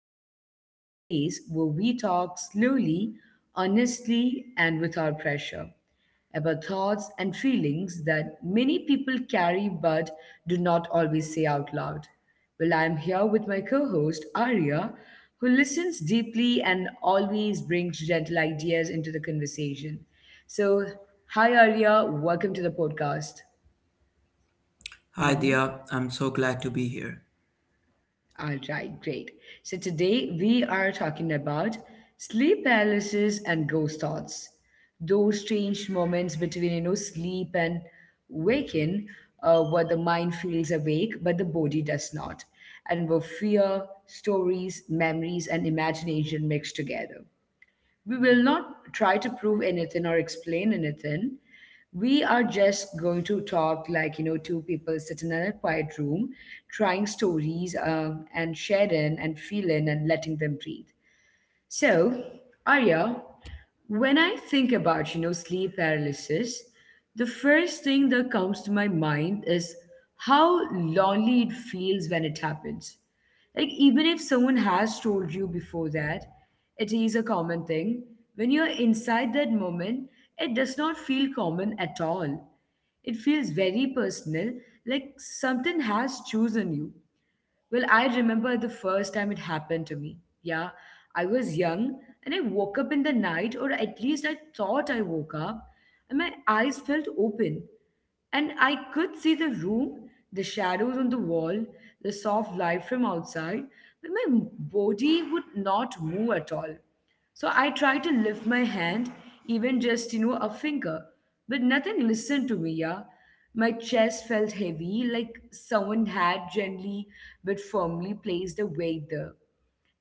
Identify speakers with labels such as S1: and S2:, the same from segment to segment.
S1: podcast is a place where we talk slowly, honestly, and without pressure about thoughts and feelings that many people carry but do not always say out loud. Well, I'm here with my co host, Arya, who listens deeply and always brings gentle ideas into the conversation. So, hi, Arya, welcome to the podcast.
S2: Hi,
S1: Mm-hmm.
S2: Dia. I'm so glad to be here.
S1: All right, great. So today we are talking about sleep paralysis and ghost thoughts. Those strange moments between, you know, sleep and waking, where the mind feels awake but the body does not, and where fear, stories, memories, and imagination mix together. We will not try to prove anything or explain anything. We are just going to talk like, you know, two people sitting in a quiet room, trying stories and sharing and feeling and letting them breathe. So, Arya, when I think about, you know, sleep paralysis, the first thing that comes to my mind is how lonely it feels when it happens. Like, even if someone has told you before that, it is a common thing. When you're inside that moment, it does not feel common at all. It feels very personal, like something has chosen you. Well, I remember the first time it happened to me. Yeah, I was young and I woke up in the night, or at least I thought I woke up, and my eyes felt open. And I could see the room, the shadows on the wall, the soft light from outside, but my body would not move at all. So I tried to lift my hand, even just, you know, a finger, but nothing listened to me, yeah. My chest felt heavy, like someone had gently but firmly placed a weight there.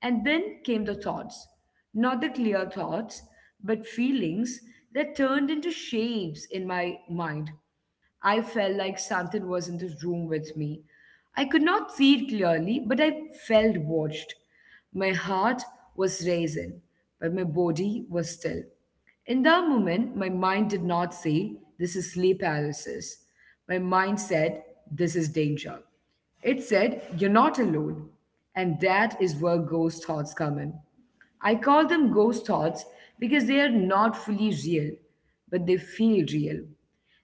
S1: And then came the thoughts, not the clear thoughts, but feelings that turned into shapes in my mind. I felt like something was in the room with me. I could not see it clearly, but I felt watched. My heart was racing, but my body was still. In that moment, my mind did not say, "This is sleep paralysis." My mind said, "This is danger." It said, "You're not alone." And that is where ghost thoughts come in. I call them ghost thoughts because they are not fully real, but they feel real.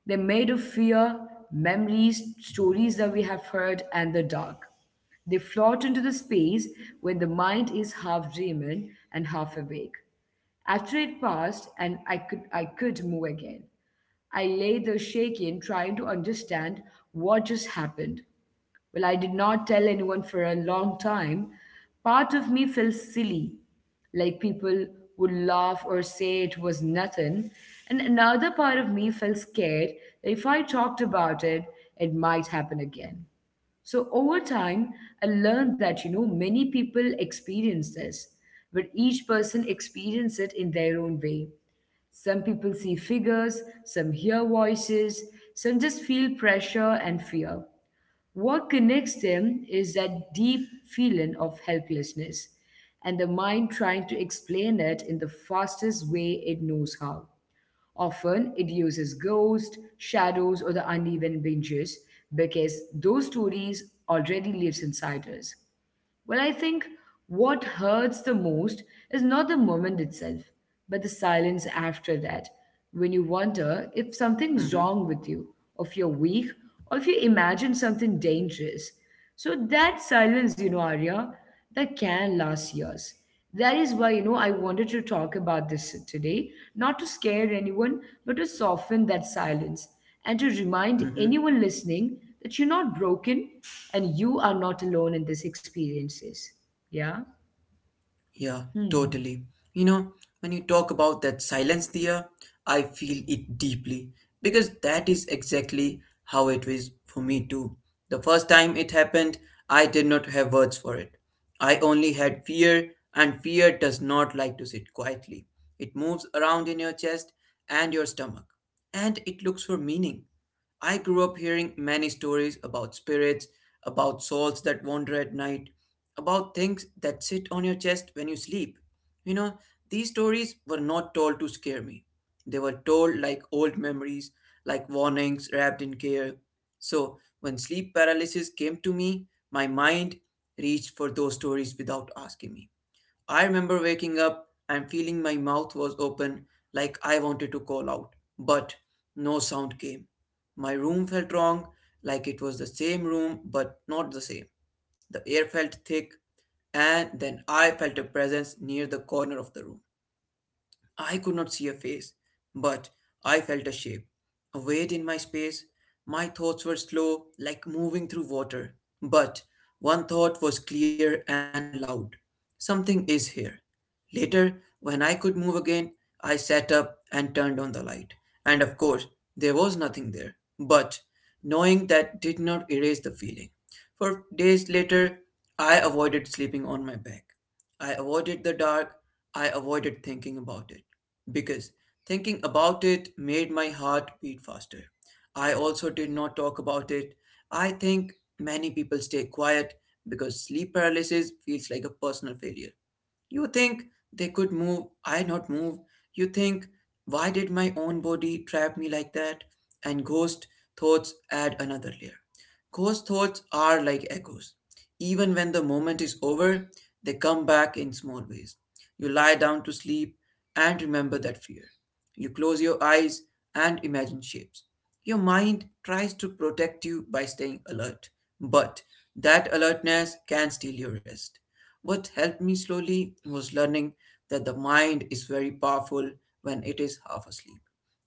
S1: They're made of fear, memories, stories that we have heard, and the dark. They float into the space when the mind is half dreaming and half awake. After it passed and I could move again. I lay there shaking, trying to understand what just happened. Well, I did not tell anyone for a long time. Part of me felt silly, like people would laugh or say it was nothing. And another part of me felt scared that if I talked about it, it might happen again. So over time, I learned that you know many people experience this, but each person experience it in their own way. Some people see figures, some hear voices, some just feel pressure and fear. What connects them is that deep feeling of helplessness and the mind trying to explain it in the fastest way it knows how. Often it uses ghosts, shadows, or the uneven benches because those stories already lives inside us. Well, I think what hurts the most is not the moment itself, but the silence after that, when you wonder if something's
S2: Mm-hmm.
S1: wrong with you, or if you're weak, or if you imagine something dangerous. So that silence, you know, Arya, that can last years. That is why, you know, I wanted to talk about this today, not to scare anyone, but to soften that silence and to remind
S2: Mm-hmm.
S1: anyone listening that you're not broken and you are not alone in these experiences. Yeah?
S2: Yeah,
S1: Hmm.
S2: totally. You know, when you talk about that silence there, I feel it deeply because that is exactly how it was for me too. The first time it happened, I did not have words for it. I only had fear, and fear does not like to sit quietly. It moves around in your chest and your stomach, and it looks for meaning. I grew up hearing many stories about spirits, about souls that wander at night, about things that sit on your chest when you sleep. You know, these stories were not told to scare me. They were told like old memories, like warnings wrapped in care. So, when sleep paralysis came to me, my mind reached for those stories without asking me. I remember waking up and feeling my mouth was open like I wanted to call out, but no sound came. My room felt wrong, like it was the same room but not the same. The air felt thick, and then I felt a presence near the corner of the room. I could not see a face, but I felt a shape, a weight in my space. My thoughts were slow, like moving through water, but one thought was clear and loud. Something is here. Later, when I could move again, I sat up and turned on the light. And of course, there was nothing there. But knowing that did not erase the feeling. For days later, I avoided sleeping on my back. I avoided the dark. I avoided thinking about it. Because thinking about it made my heart beat faster. I also did not talk about it. I think many people stay quiet because sleep paralysis feels like a personal failure you think they could move, I not move. You think, why did my own body trap me like that? And ghost thoughts add another layer. Ghost thoughts are like echoes. Even when the moment is over, they come back in small ways. You lie down to sleep and remember that fear. You close your eyes and imagine shapes. Your mind tries to protect you by staying alert, but that alertness can steal your rest. What helped me slowly was learning that the mind is very powerful when it is half asleep.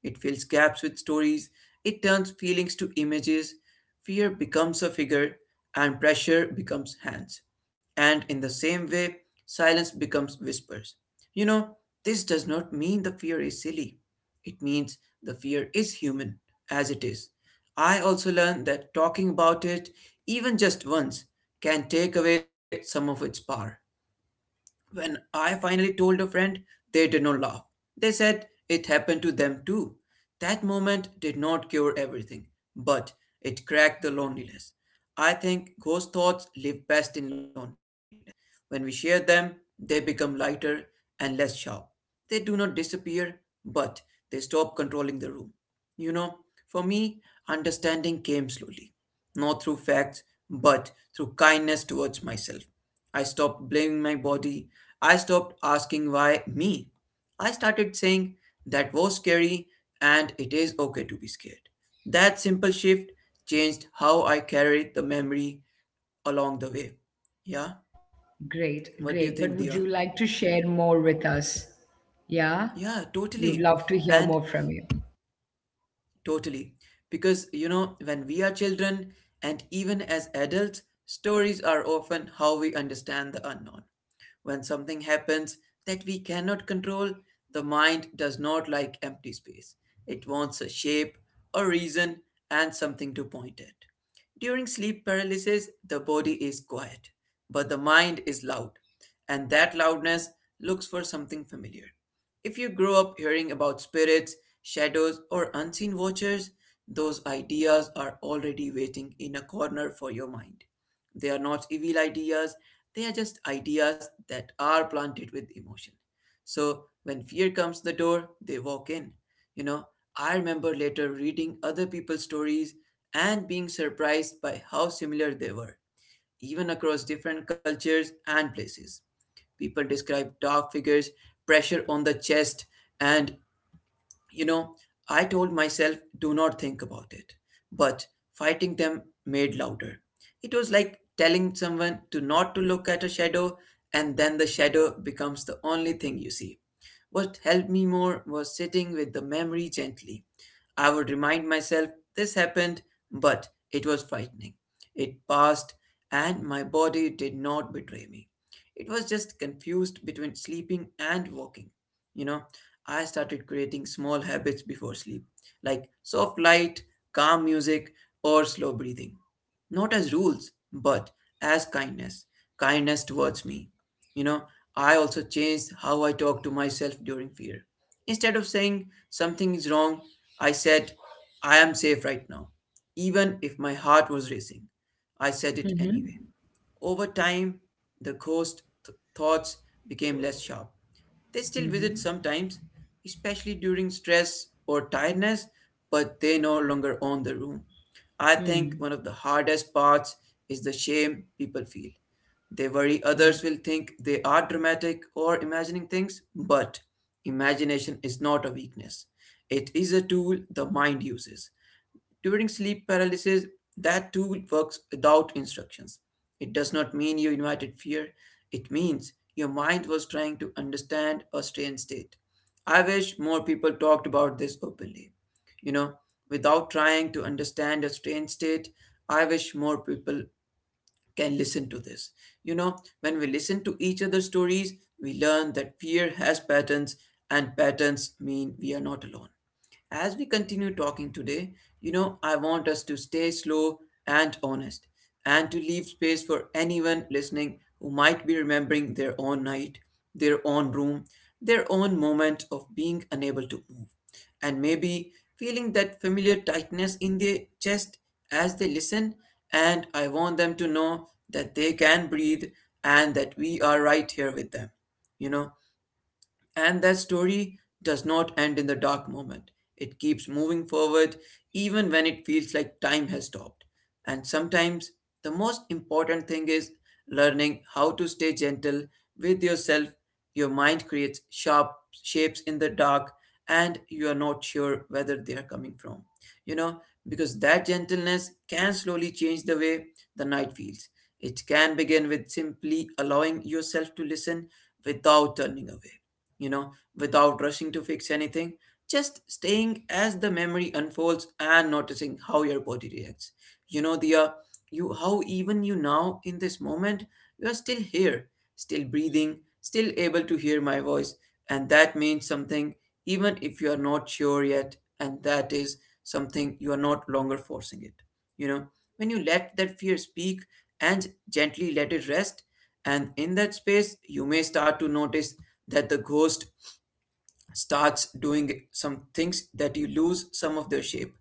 S2: It fills gaps with stories, it turns feelings to images, fear becomes a figure, and pressure becomes hands. And in the same way, silence becomes whispers. You know, this does not mean the fear is silly. It means the fear is human, as it is. I also learned that talking about it, even just once, can take away some of its power. When I finally told a friend, they did not laugh. They said it happened to them too. That moment did not cure everything, but it cracked the loneliness. I think ghost thoughts live best in loneliness. When we share them, they become lighter and less sharp. They do not disappear, but they stop controlling the room. You know, for me, understanding came slowly, not through facts, but through kindness towards myself. I stopped blaming my body. I stopped asking why me. I started saying that was scary and it is okay to be scared. That simple shift changed how I carried the memory along the way. Yeah?
S1: Great, great. But
S2: What
S1: would
S2: do you
S1: you
S2: think,
S1: like to
S2: Dia?
S1: share more with us? Yeah?
S2: Yeah,
S1: We would love
S2: totally.
S1: to hear more
S2: And
S1: from you.
S2: totally. Because, you know, when we are children and even as adults, stories are often how we understand the unknown. When something happens that we cannot control, the mind does not like empty space. It wants a shape, a reason, and something to point at. During sleep paralysis, the body is quiet, but the mind is loud, and that loudness looks for something familiar. If you grow up hearing about spirits, shadows, or unseen watchers, those ideas are already waiting in a corner for your mind. They are not evil ideas, they are just ideas that are planted with emotion. So when fear comes the door, they walk in. You know, I remember later reading other people's stories and being surprised by how similar they were, even across different cultures and places. People describe dark figures, pressure on the chest, and you know, I told myself, do not think about it. But fighting them made louder. It was like telling someone to not to look at a shadow, and then the shadow becomes the only thing you see. What helped me more was sitting with the memory gently. I would remind myself this happened, but it was frightening. It passed, and my body did not betray me. It was just confused between sleeping and walking. You know, I started creating small habits before sleep, like soft light, calm music, or slow breathing. Not as rules, but as kindness, kindness towards me. You know, I also changed how I talk to myself during fear. Instead of saying something is wrong, I said, I am safe right now. Even if my heart was racing, I said it anyway. Over time, the ghost thoughts became less sharp. They still visit sometimes, especially during stress or tiredness, but they no longer own the room. I think
S1: Hmm.
S2: one of the hardest parts is the shame people feel. They
S1: Yeah.
S2: worry others will think they are dramatic or imagining things, but imagination is not a weakness. It is a tool the mind uses. During sleep paralysis, that tool works without instructions. It does not mean you invited fear, it means your mind was trying to understand a strange state. I wish more people talked about this openly. You know, without trying to understand a strange state, I wish more people can listen to this. You know, when we listen to each other's stories, we learn that fear has patterns, and patterns mean we are not alone. As we continue talking today, you know, I want us to stay slow and honest and to leave space for anyone listening who might be remembering their own night, their own room, their own moment of being unable to move, and maybe feeling that familiar tightness in their chest as they listen. And I want them to know that they can breathe and that we are right here with them. You know, and that story does not end in the dark moment. It keeps moving forward even when it feels like time has stopped. And sometimes the most important thing is learning how to stay gentle with yourself. Your mind creates sharp shapes in the dark and you are not sure whether they are coming from. You know, because that gentleness can slowly change the way the night feels. It can begin with simply allowing yourself to listen without turning away, you know, without rushing to fix anything, just staying as the memory unfolds and noticing how your body reacts. You know, Dia, you how even you now in this moment, you are still here, still breathing, still able to hear my voice, and that means something even if you are not sure yet, and that is something you are not longer forcing it. You know, when you let that fear speak, and gently let it rest. And in that space, you may start to notice that the ghost starts doing some things that you lose some of their shape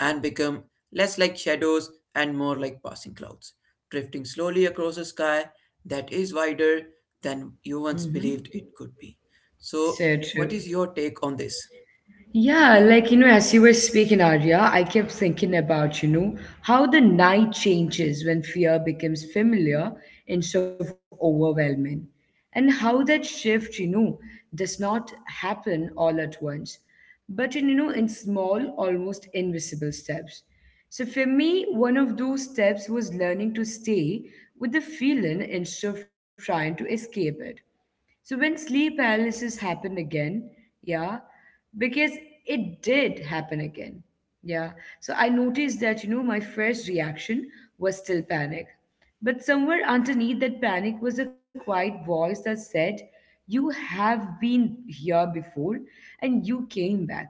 S2: and become less like shadows and more like passing clouds, drifting slowly across a sky that is wider than you once
S1: Mm-hmm.
S2: believed it could be. So,
S1: So
S2: what
S1: true.
S2: is your take on this?
S1: Yeah, like, you know, as you were speaking, Arya, I kept thinking about, you know, how the night changes when fear becomes familiar instead of overwhelming, and how that shift, you know, does not happen all at once, but in, you know, in small, almost invisible steps. So for me, one of those steps was learning to stay with the feeling instead of trying to escape it so when sleep paralysis happened again, yeah, because it did happen again. Yeah. So I noticed that, you know, my first reaction was still panic. But somewhere underneath that panic was a quiet voice that said, "You have been here before and you came back."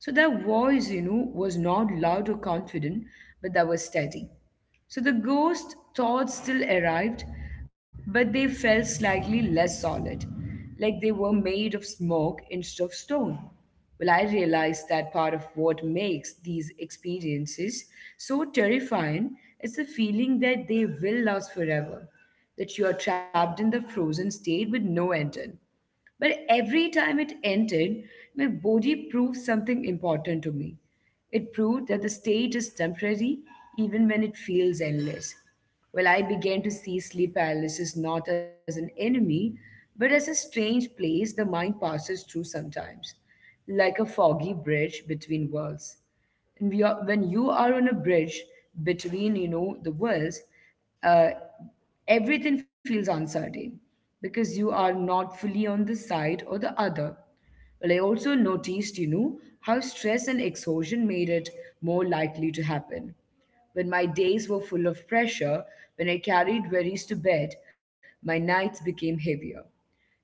S1: So that voice, you know, was not loud or confident, but that was steady. So the ghost thoughts still arrived, but they felt slightly less solid, like they were made of smoke instead of stone. Well, I realized that part of what makes these experiences so terrifying is the feeling that they will last forever, that you are trapped in the frozen state with no ending. But every time it ended, my body proved something important to me. It proved that the state is temporary even when it feels endless. Well, I began to see sleep paralysis not as an enemy, but as a strange place the mind passes through sometimes, like a foggy bridge between worlds. And we are, when you are on a bridge between, you know, the worlds, uh. Everything feels uncertain because you are not fully on the side or the other. Well, I also noticed, you know, how stress and exhaustion made it more likely to happen. When my days were full of pressure, when I carried worries to bed, my nights became heavier.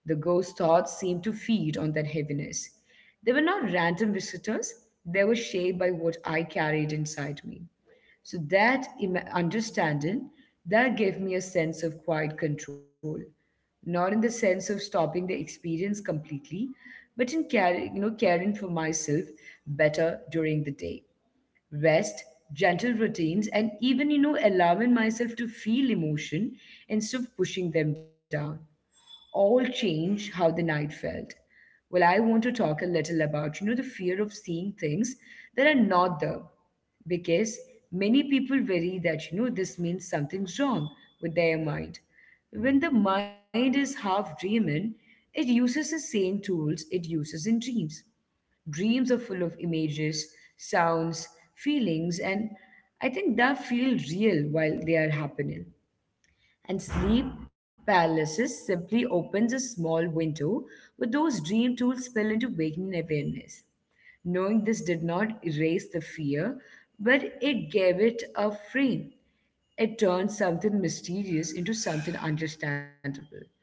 S1: The ghost thoughts seemed to feed on that heaviness. They were not random visitors, they were shaped by what I carried inside me. So that understanding that gave me a sense of quiet control, not in the sense of stopping the experience completely, but in caring, you know, caring for myself better during the day. Rest, gentle routines, and even you know allowing myself to feel emotion instead of pushing them down all change how the night felt. Well, I want to talk a little about, you know, the fear of seeing things that are not there. Because many people worry that, you know, this means something's wrong with their mind. When the mind is half dreaming, it uses the same tools it uses in dreams. Dreams are full of images, sounds, feelings, and I think that feel real while they are happening and sleep paralysis simply opens a small window where those dream tools spill into waking awareness. Knowing this did not erase the fear, but it gave it a frame. It turns something mysterious into something understandable.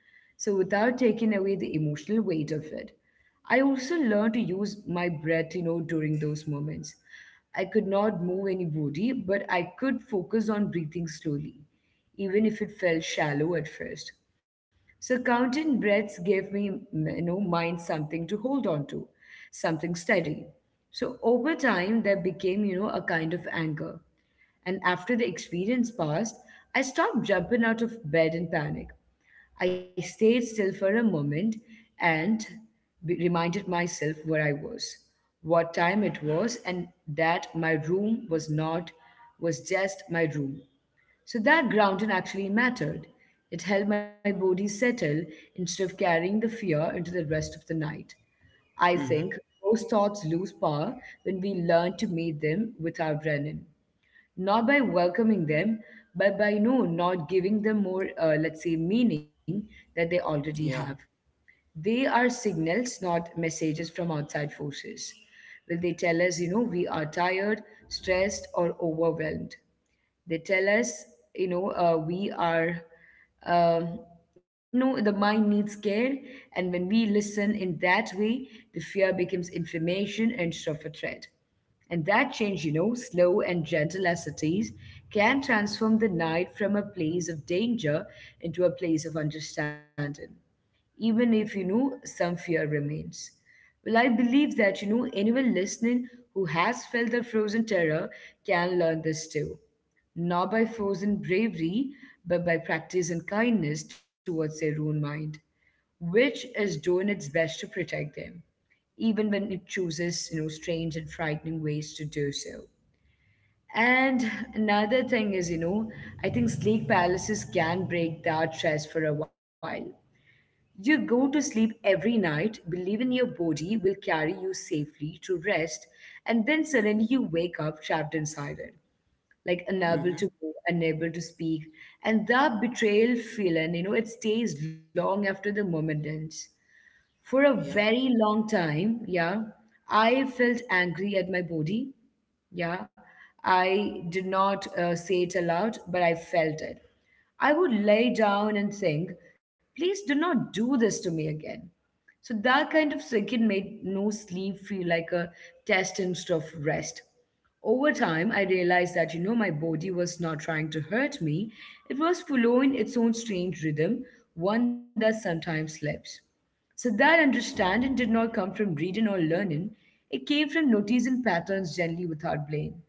S1: So, without taking away the emotional weight of it, I also learned to use my breath, you know, during those moments. I could not move any body, but I could focus on breathing slowly, even if it felt shallow at first. So counting breaths gave me, you know, mind something to hold on to, something steady. So over time, there became, you know, a kind of anchor. And after the experience passed, I stopped jumping out of bed in panic. I stayed still for a moment and reminded myself where I was, what time it was, and that my room was not, was just my room. So that grounding actually mattered. It helped my body settle instead of carrying the fear into the rest of the night. I think
S2: Mm-hmm.
S1: those thoughts lose power when we learn to meet them without running not by welcoming them, but by no, not giving them more, let's say, meaning that they already have.
S2: Yeah.
S1: They are signals, not messages from outside forces. Will they tell us, you know, we are tired, stressed, or overwhelmed? They tell us, you know, we are, um, no, the mind needs care. And when we listen in that way, the fear becomes information instead of a threat. And that change, you know, slow and gentle as it is, can transform the night from a place of danger into a place of understanding even if you know some fear remains. Well, I believe that you know anyone listening who has felt the frozen terror can learn this too, not by frozen bravery, but by practice and kindness towards their own mind, which is doing its best to protect them, even when it chooses you know strange and frightening ways to do so. And another thing is, I think sleek palaces can break that stress for a while. You go to sleep every night, believing your body will carry you safely to rest, and then suddenly you wake up trapped inside it, like unable to
S2: Mm-hmm.
S1: move, unable to speak. And that betrayal feeling, it stays long after the moment ends. For a
S2: Yeah.
S1: very long time, yeah, I felt angry at my body. Yeah, I did not say it aloud, but I felt it. I would lay down and think, please do not do this to me again. So that kind of circuit made no sleep feel like a test instead of rest. Over time, I realized that, my body was not trying to hurt me. It was following its own strange rhythm, one that sometimes slept. So that understanding did not come from reading or learning. It came from noticing patterns gently without blame.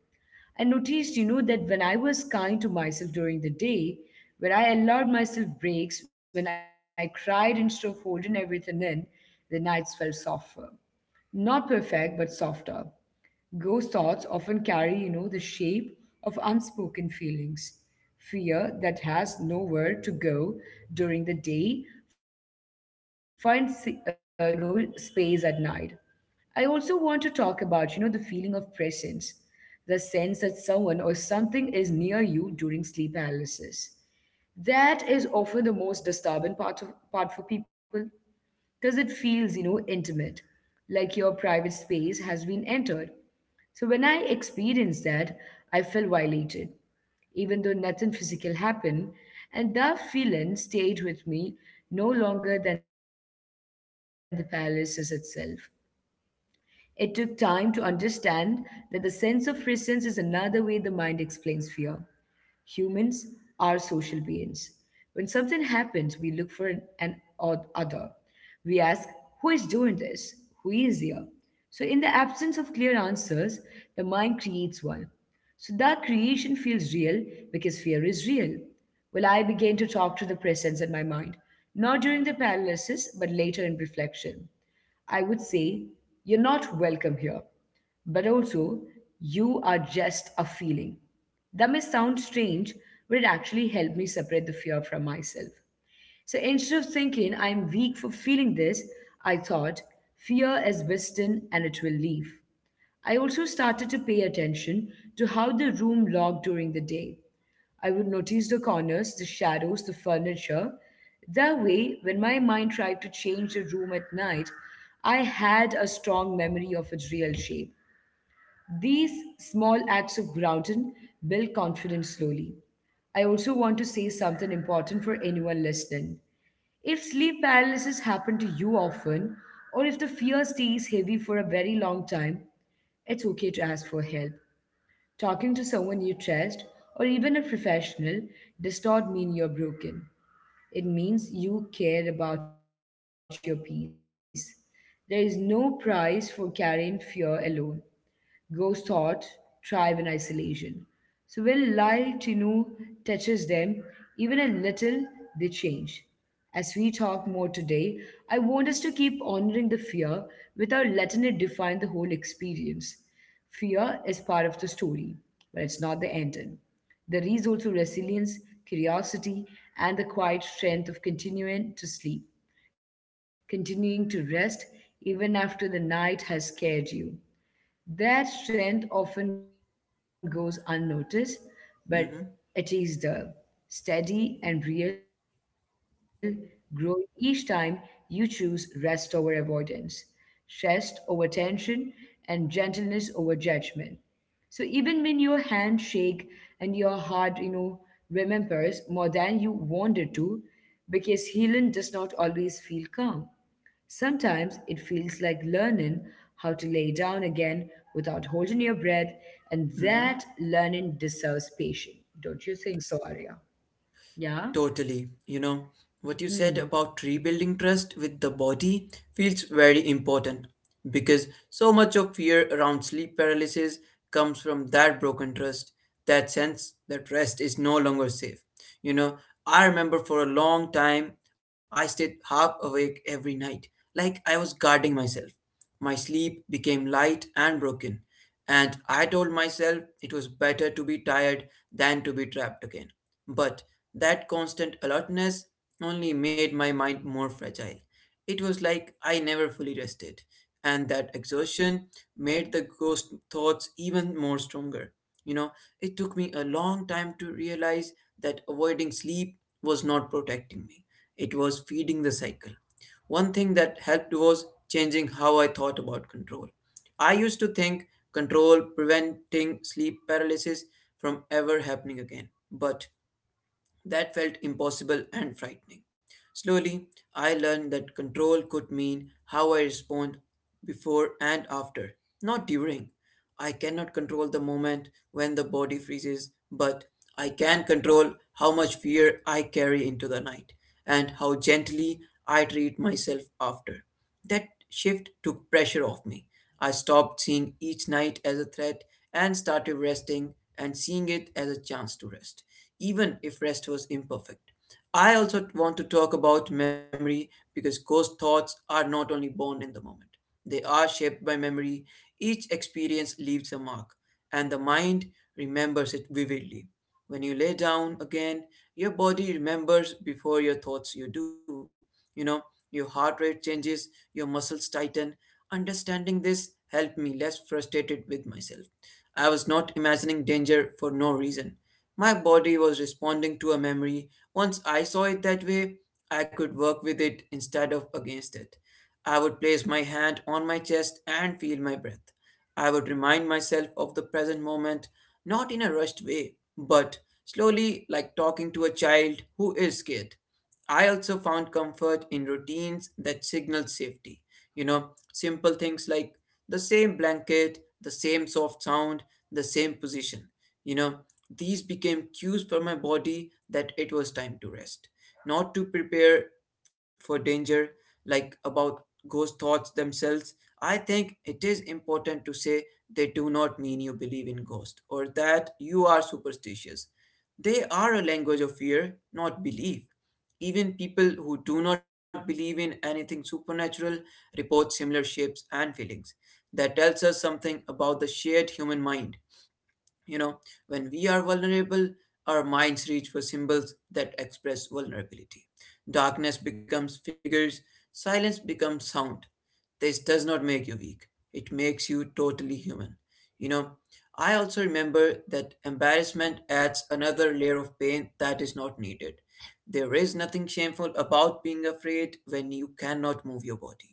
S1: I noticed, that when I was kind to myself during the day, when I allowed myself breaks, when I cried instead of holding everything in, the nights felt softer. Not perfect, but softer. Ghost thoughts often carry, the shape of unspoken feelings. Fear that has nowhere to go during the day finds, space at night. I also want to talk about, the feeling of presence, the sense that someone or something is near you during sleep paralysis. That is often the most disturbing part for people because it feels, intimate, like your private space has been entered. So when I experienced that, I felt violated, even though nothing physical happened, and that feeling stayed with me no longer than the paralysis itself. It took time to understand that the sense of presence is another way the mind explains fear. Humans are social beings. When something happens, we look for an odd other. We ask, who is doing this? Who is here? So, in the absence of clear answers, the mind creates one. So, that creation feels real because fear is real. Well, I began to talk to the presence in my mind, not during the paralysis, but later in reflection. I would say, you're not welcome here, but also, you are just a feeling. That may sound strange, but it actually helped me separate the fear from myself. So instead of thinking I'm weak for feeling this, I thought fear is wisdom and it will leave. I also started to pay attention to how the room looked during the day. I would notice the corners, the shadows, the furniture. That way, when my mind tried to change the room at night, I had a strong memory of its real shape. These small acts of grounding build confidence slowly. I also want to say something important for anyone listening. If sleep paralysis happens to you often, or if the fear stays heavy for a very long time, it's okay to ask for help. Talking to someone you trust, or even a professional, does not mean you're broken. It means you care about your peace. There is no price for carrying fear alone. Ghosts thought thrive in isolation. So when light, touches them, even a little, they change. As we talk more today, I want us to keep honoring the fear without letting it define the whole experience. Fear is part of the story, but it's not the ending. There is also resilience, curiosity, and the quiet strength of continuing to sleep, continuing to rest even after the night has scared you. Their strength often goes unnoticed, but
S2: Mm-hmm.
S1: it is the steady and real growth each time you choose rest over avoidance, stress over tension, and gentleness over judgment. So even when your hand shake and your heart, remembers more than you wanted to, because healing does not always feel calm. Sometimes it feels like learning how to lay down again without holding your breath, and
S2: Mm-hmm.
S1: that learning deserves patience. Don't you think so, Arya? Yeah?
S2: Totally. You know, what you said about
S1: Hmm.
S2: rebuilding trust with the body feels very important because so much of fear around sleep paralysis comes from that broken trust, that sense that rest is no longer safe. You know, I remember for a long time I stayed half awake every night, like I was guarding myself. My sleep became light and broken, and I told myself it was better to be tired than to be trapped again. But that constant alertness only made my mind more fragile. It was like I never fully rested, and that exhaustion made the ghost thoughts even more stronger. You know, it took me a long time to realize that avoiding sleep was not protecting me, it was feeding the cycle. One thing that helped was changing how I thought about control. I used to think control preventing sleep paralysis from ever happening again. But that felt impossible and frightening. Slowly, I learned that control could mean how I respond before and after, not during. I cannot control the moment when the body freezes, but I can control how much fear I carry into the night and how gently I treat myself after. That shift took pressure off me. I stopped seeing each night as a threat and started resting and seeing it as a chance to rest, even if rest was imperfect. I also want to talk about memory because ghost thoughts are not only born in the moment, they are shaped by memory. Each experience leaves a mark, and the mind remembers it vividly. When you lay down again, your body remembers before your thoughts you do. You know, your heart rate changes, your muscles tighten. Understanding this helped me less frustrated with myself. I was not imagining danger for no reason. My body was responding to a memory. Once I saw it that way, I could work with it instead of against it. I would place my hand on my chest and feel my breath. I would remind myself of the present moment, not in a rushed way, but slowly, like talking to a child who is scared. I also found comfort in routines that signal safety. You know, Simple things like the same blanket, the same soft sound, the same position. You know, these became cues for my body that it was time to rest, not to prepare for danger, like about ghost thoughts themselves. I think it is important to say they do not mean you believe in ghosts or that you are superstitious. They are a language of fear, not belief. Even people who do not believe in anything supernatural report similar shapes and feelings. That tells us something about the shared human mind. You know, when we are vulnerable, our minds reach for symbols that express vulnerability. Darkness becomes figures, silence becomes sound. This does not make you weak, it makes you totally human. You know, I also remember that embarrassment adds another layer of pain that is not needed. There is nothing shameful about being afraid when you cannot move your body.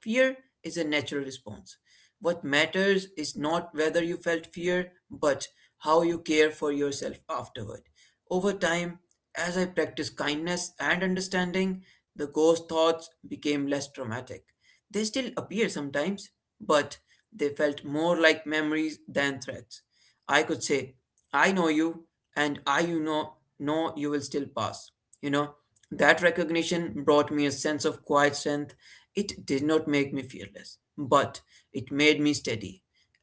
S2: Fear is a natural response. What matters is not whether you felt fear, but how you care for yourself afterward. Over time, as I practiced kindness and understanding, the ghost thoughts became less traumatic. They still appear sometimes, but they felt more like memories than threats. I could say, I know you, and I know you will still pass. You know, that recognition brought me a sense of quiet strength. It did not make me fearless, but it made me steady.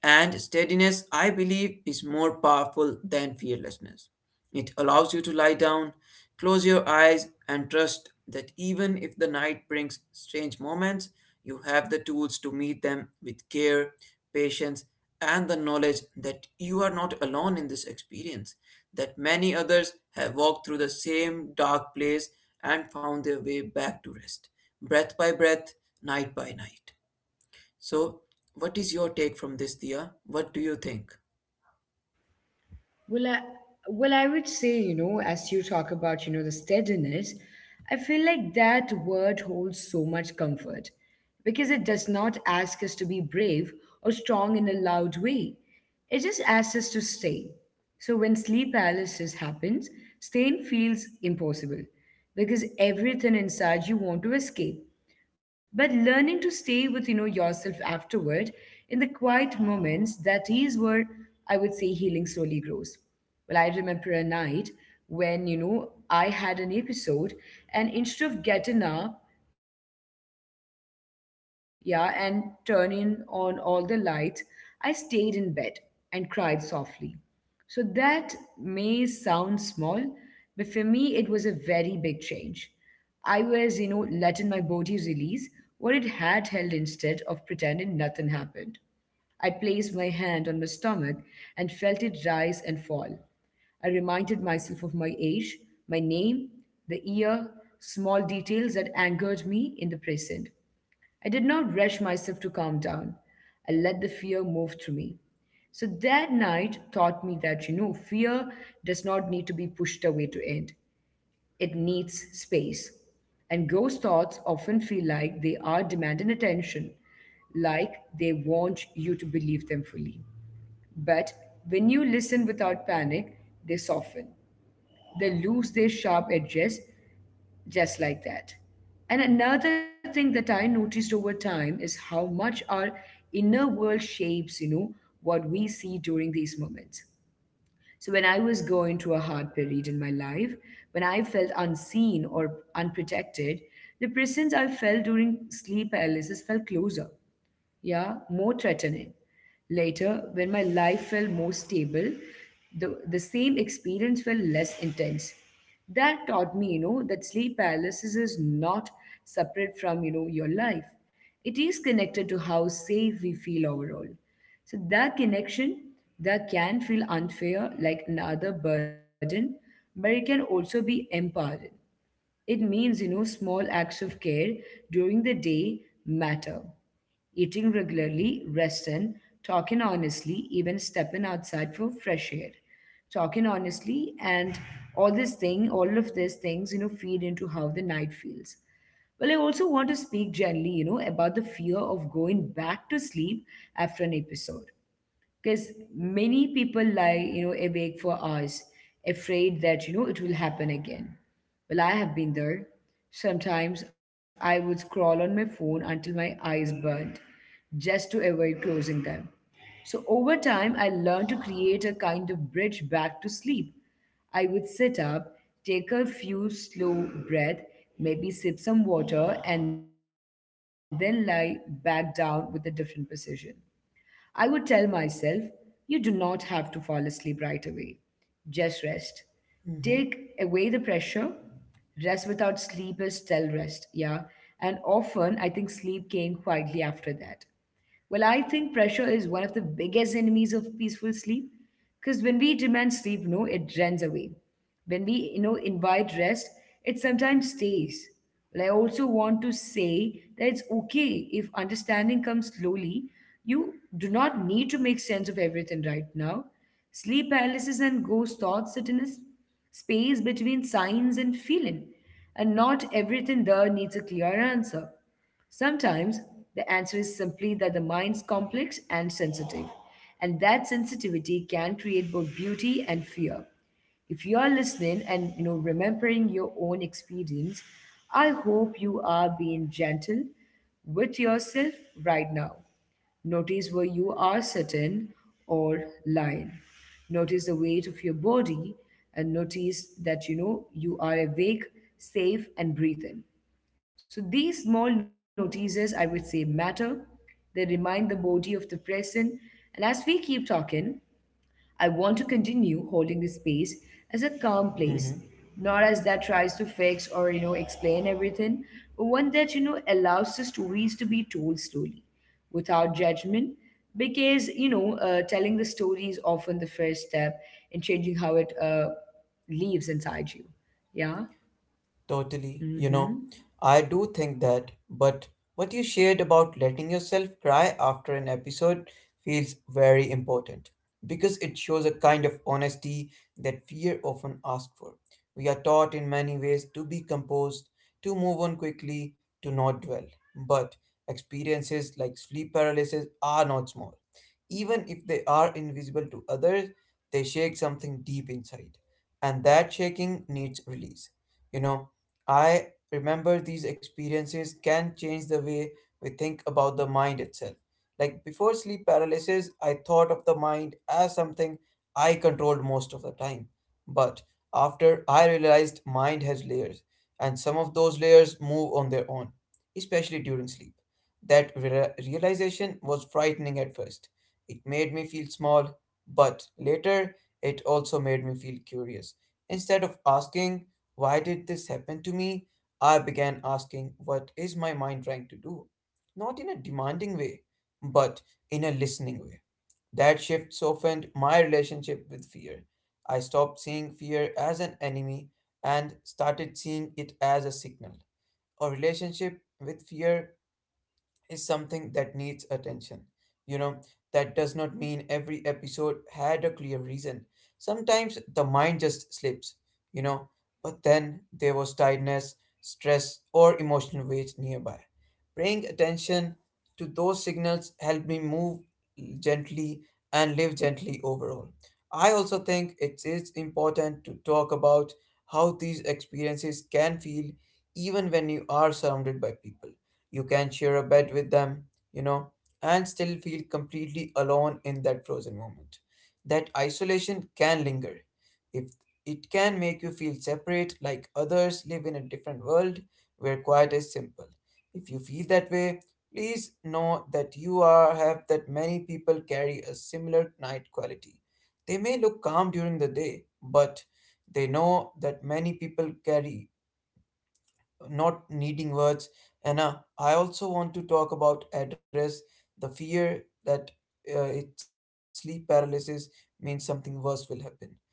S2: And steadiness, I believe, is more powerful than fearlessness. It allows you to lie down, close your eyes, and trust that even if the night brings strange moments, you have the tools to meet them with care, patience, and the knowledge that you are not alone in this experience, that many others have walked through the same dark place and found their way back to rest, breath by breath, night by night. So, what is your take from this, Dia? What do you think?
S1: Well, I, well, I would say, as you talk about, the steadiness, I feel like that word holds so much comfort because it does not ask us to be brave or strong in a loud way. It just asks us to stay. So when sleep paralysis happens, staying feels impossible because everything inside you want to escape, but learning to stay with yourself afterward in the quiet moments, that is where I would say healing slowly grows. Well, I remember a night when I had an episode, and instead of getting up, yeah, and turning on all the lights, I stayed in bed and cried softly. So that may sound small, but for me, it was a very big change. I was, letting my body release what it had held instead of pretending nothing happened. I placed my hand on my stomach and felt it rise and fall. I reminded myself of my age, my name, the year, small details that angered me in the present. I did not rush myself to calm down. I let the fear move through me. So that night taught me that, fear does not need to be pushed away to end, it needs space. And ghost thoughts often feel like they are demanding attention, like they want you to believe them fully. But when you listen without panic, they soften. They lose their sharp edges just like that. And another thing that I noticed over time is how much our inner world shapes, what we see during these moments. So when I was going through a hard period in my life, when I felt unseen or unprotected, the presence I felt during sleep paralysis felt closer, yeah, more threatening. Later, when my life felt more stable, the same experience felt less intense. That taught me, that sleep paralysis is not separate from, your life. It is connected to how safe we feel overall. So that connection, that can feel unfair, like another burden, but it can also be empowering. It means, small acts of care during the day matter. Eating regularly, resting, talking honestly, even stepping outside for fresh air. Talking honestly and all this thing, all of these things, feed into how the night feels. Well, I also want to speak gently, about the fear of going back to sleep after an episode, because many people lie awake for hours, afraid that it will happen again. Well, I have been there. Sometimes I would scroll on my phone until my eyes burned, just to avoid closing them. So over time I learned to create a kind of bridge back to sleep. I would sit up, take a few slow breath, maybe sip some water, and then lie back down with a different position. I would tell myself, you do not have to fall asleep right away. Just rest. Take away the
S2: Mm-hmm.
S1: pressure. Rest without sleep is still rest, yeah. And often I think sleep came quietly after that. Well, I think pressure is one of the biggest enemies of peaceful sleep because when we demand sleep, no, it runs away. When we, invite rest, it sometimes stays. Well, I also want to say that it's okay if understanding comes slowly. You do not need to make sense of everything right now. Sleep paralysis and ghost thoughts sit in a space between signs and feeling, and not everything there needs a clear answer. Sometimes the answer is simply that the mind's complex and sensitive, and that sensitivity can create both beauty and fear. If you are listening and remembering your own experience, I hope you are being gentle with yourself right now. Notice where you are sitting or lying. Notice the weight of your body and notice that you are awake, safe, and breathing. So these small notices, I would say, matter. They remind the body of the present. And as we keep talking, I want to continue holding this space as a calm place, not as that tries to fix or explain everything, but one that allows the stories to be told slowly, without judgment, because telling the story is often the first step in changing how it lives inside you. Yeah.
S2: Totally,
S1: Mm-hmm.
S2: I do think that, but what you shared about letting yourself cry after an episode feels very important because it shows a kind of honesty that fear often asks for. We are taught in many ways to be composed, to move on quickly, to not dwell. But experiences like sleep paralysis are not small. Even if they are invisible to others, they shake something deep inside, and that shaking needs release you know I remember these experiences can change the way we think about the mind itself. Like before sleep paralysis, I thought of the mind as something I controlled most of the time. But after I realized mind has layers, and some of those layers move on their own, especially during sleep. That realization was frightening at first. It made me feel small, but later it also made me feel curious. Instead of asking, why did this happen to me? I began asking, what is my mind trying to do? Not in a demanding way, but in a listening way. That shift softened my relationship with fear. I stopped seeing fear as an enemy and started seeing it as a signal. A relationship with fear is something that needs attention. You know, that does not mean every episode had a clear reason. Sometimes the mind just slips, you know, but then there was tiredness, stress, or emotional weight nearby. Paying attention to those signals helped me move gently and live gently overall. I also think it is important to talk about how these experiences can feel even when you are surrounded by people. You can share a bed with them, you know and still feel completely alone in that frozen moment. That isolation can linger. If it can make you feel separate, like others live in a different world where quiet is simple, if you feel that way, please know that you are have that many people carry a similar night quality. They may look calm during the day, but they know that many people carry, not needing words. And I also want to talk about address the fear that it, sleep paralysis means something worse will happen.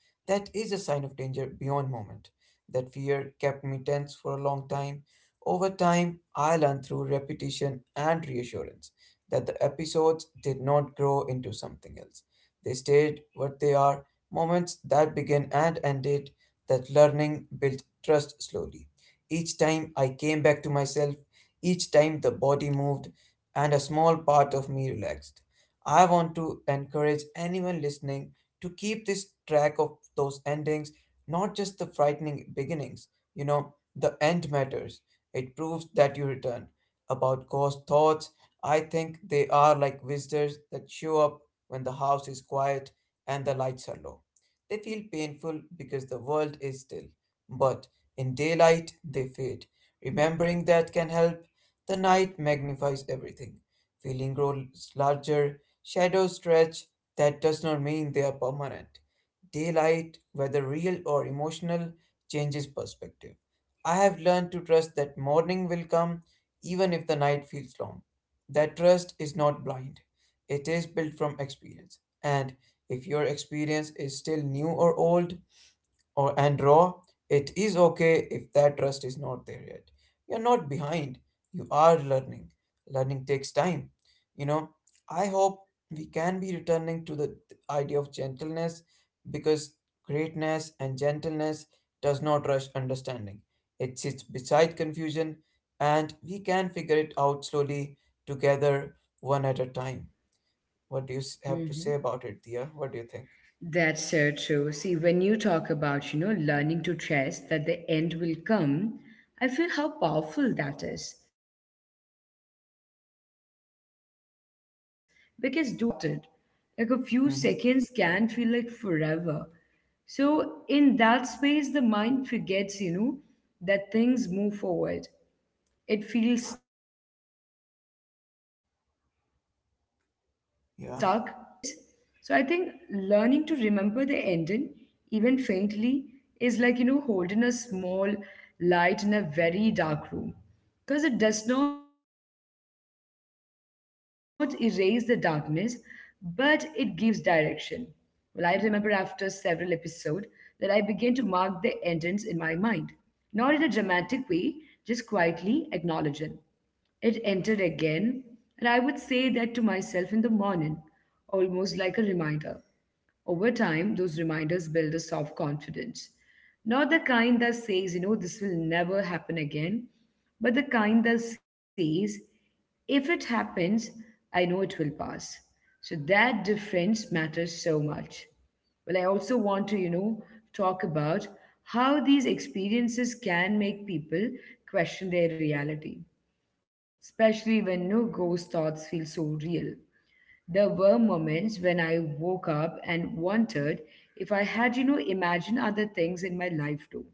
S2: That is a sign of danger beyond moment. That fear kept me tense for a long time. Over time, I learned through repetition and reassurance that the episodes did not grow into something else. They stayed what they are, moments that began and ended. That learning built trust slowly. Each time I came back to myself, each time the body moved and a small part of me relaxed. I want to encourage anyone listening to keep this track of those endings, not just the frightening beginnings. You know, the end matters. It proves that you return. About ghost thoughts, I think they are like visitors that show up when the house is quiet and the lights are low. They feel painful because the world is still. But in daylight, they fade. Remembering that can help. The night magnifies everything. Feeling grows larger. Shadows stretch. That does not mean they are permanent. Daylight, whether real or emotional, changes perspective. I have learned to trust that morning will come even if the night feels long. That trust is not blind, it is built from experience. And if your experience is still new or old, or and raw, it is okay if that trust is not there yet. You're not behind. You are learning. Learning takes time. You know, I hope we can be returning to the idea of gentleness because greatness and gentleness does not rush understanding. It sits beside confusion and we can figure it out slowly together one at a time. What do you have to say
S1: Mm-hmm.
S2: about it, Dia? What do you think?
S1: That's so true. See, when you talk about, learning to trust that the end will come, I feel how powerful that is. Because during sleep paralysis, the sense of time is so distorted. Like a few
S2: Mm-hmm.
S1: seconds can feel like forever. So, in that space, the mind forgets, that things move forward, it feels stuck, like this frozen moment is all there
S2: Yeah.
S1: is. So I think learning to remember the ending, even faintly, is like holding a small light in a very dark room, because it does not erase the darkness, but it gives direction. Well, I remember after several episodes that I began to mark the endings in my mind, not in a dramatic way, just quietly acknowledging. It entered again, and I would say that to myself in the morning, almost like a reminder. Over time, those reminders build a soft confidence. Not the kind that says, this will never happen again, but the kind that says, if it happens, I know it will pass. So that difference matters so much. Well, I also want to, talk about how these experiences can make people question their reality, especially when no ghost thoughts feel so real. There were moments when I woke up and wondered if I had, imagined other things in my life too.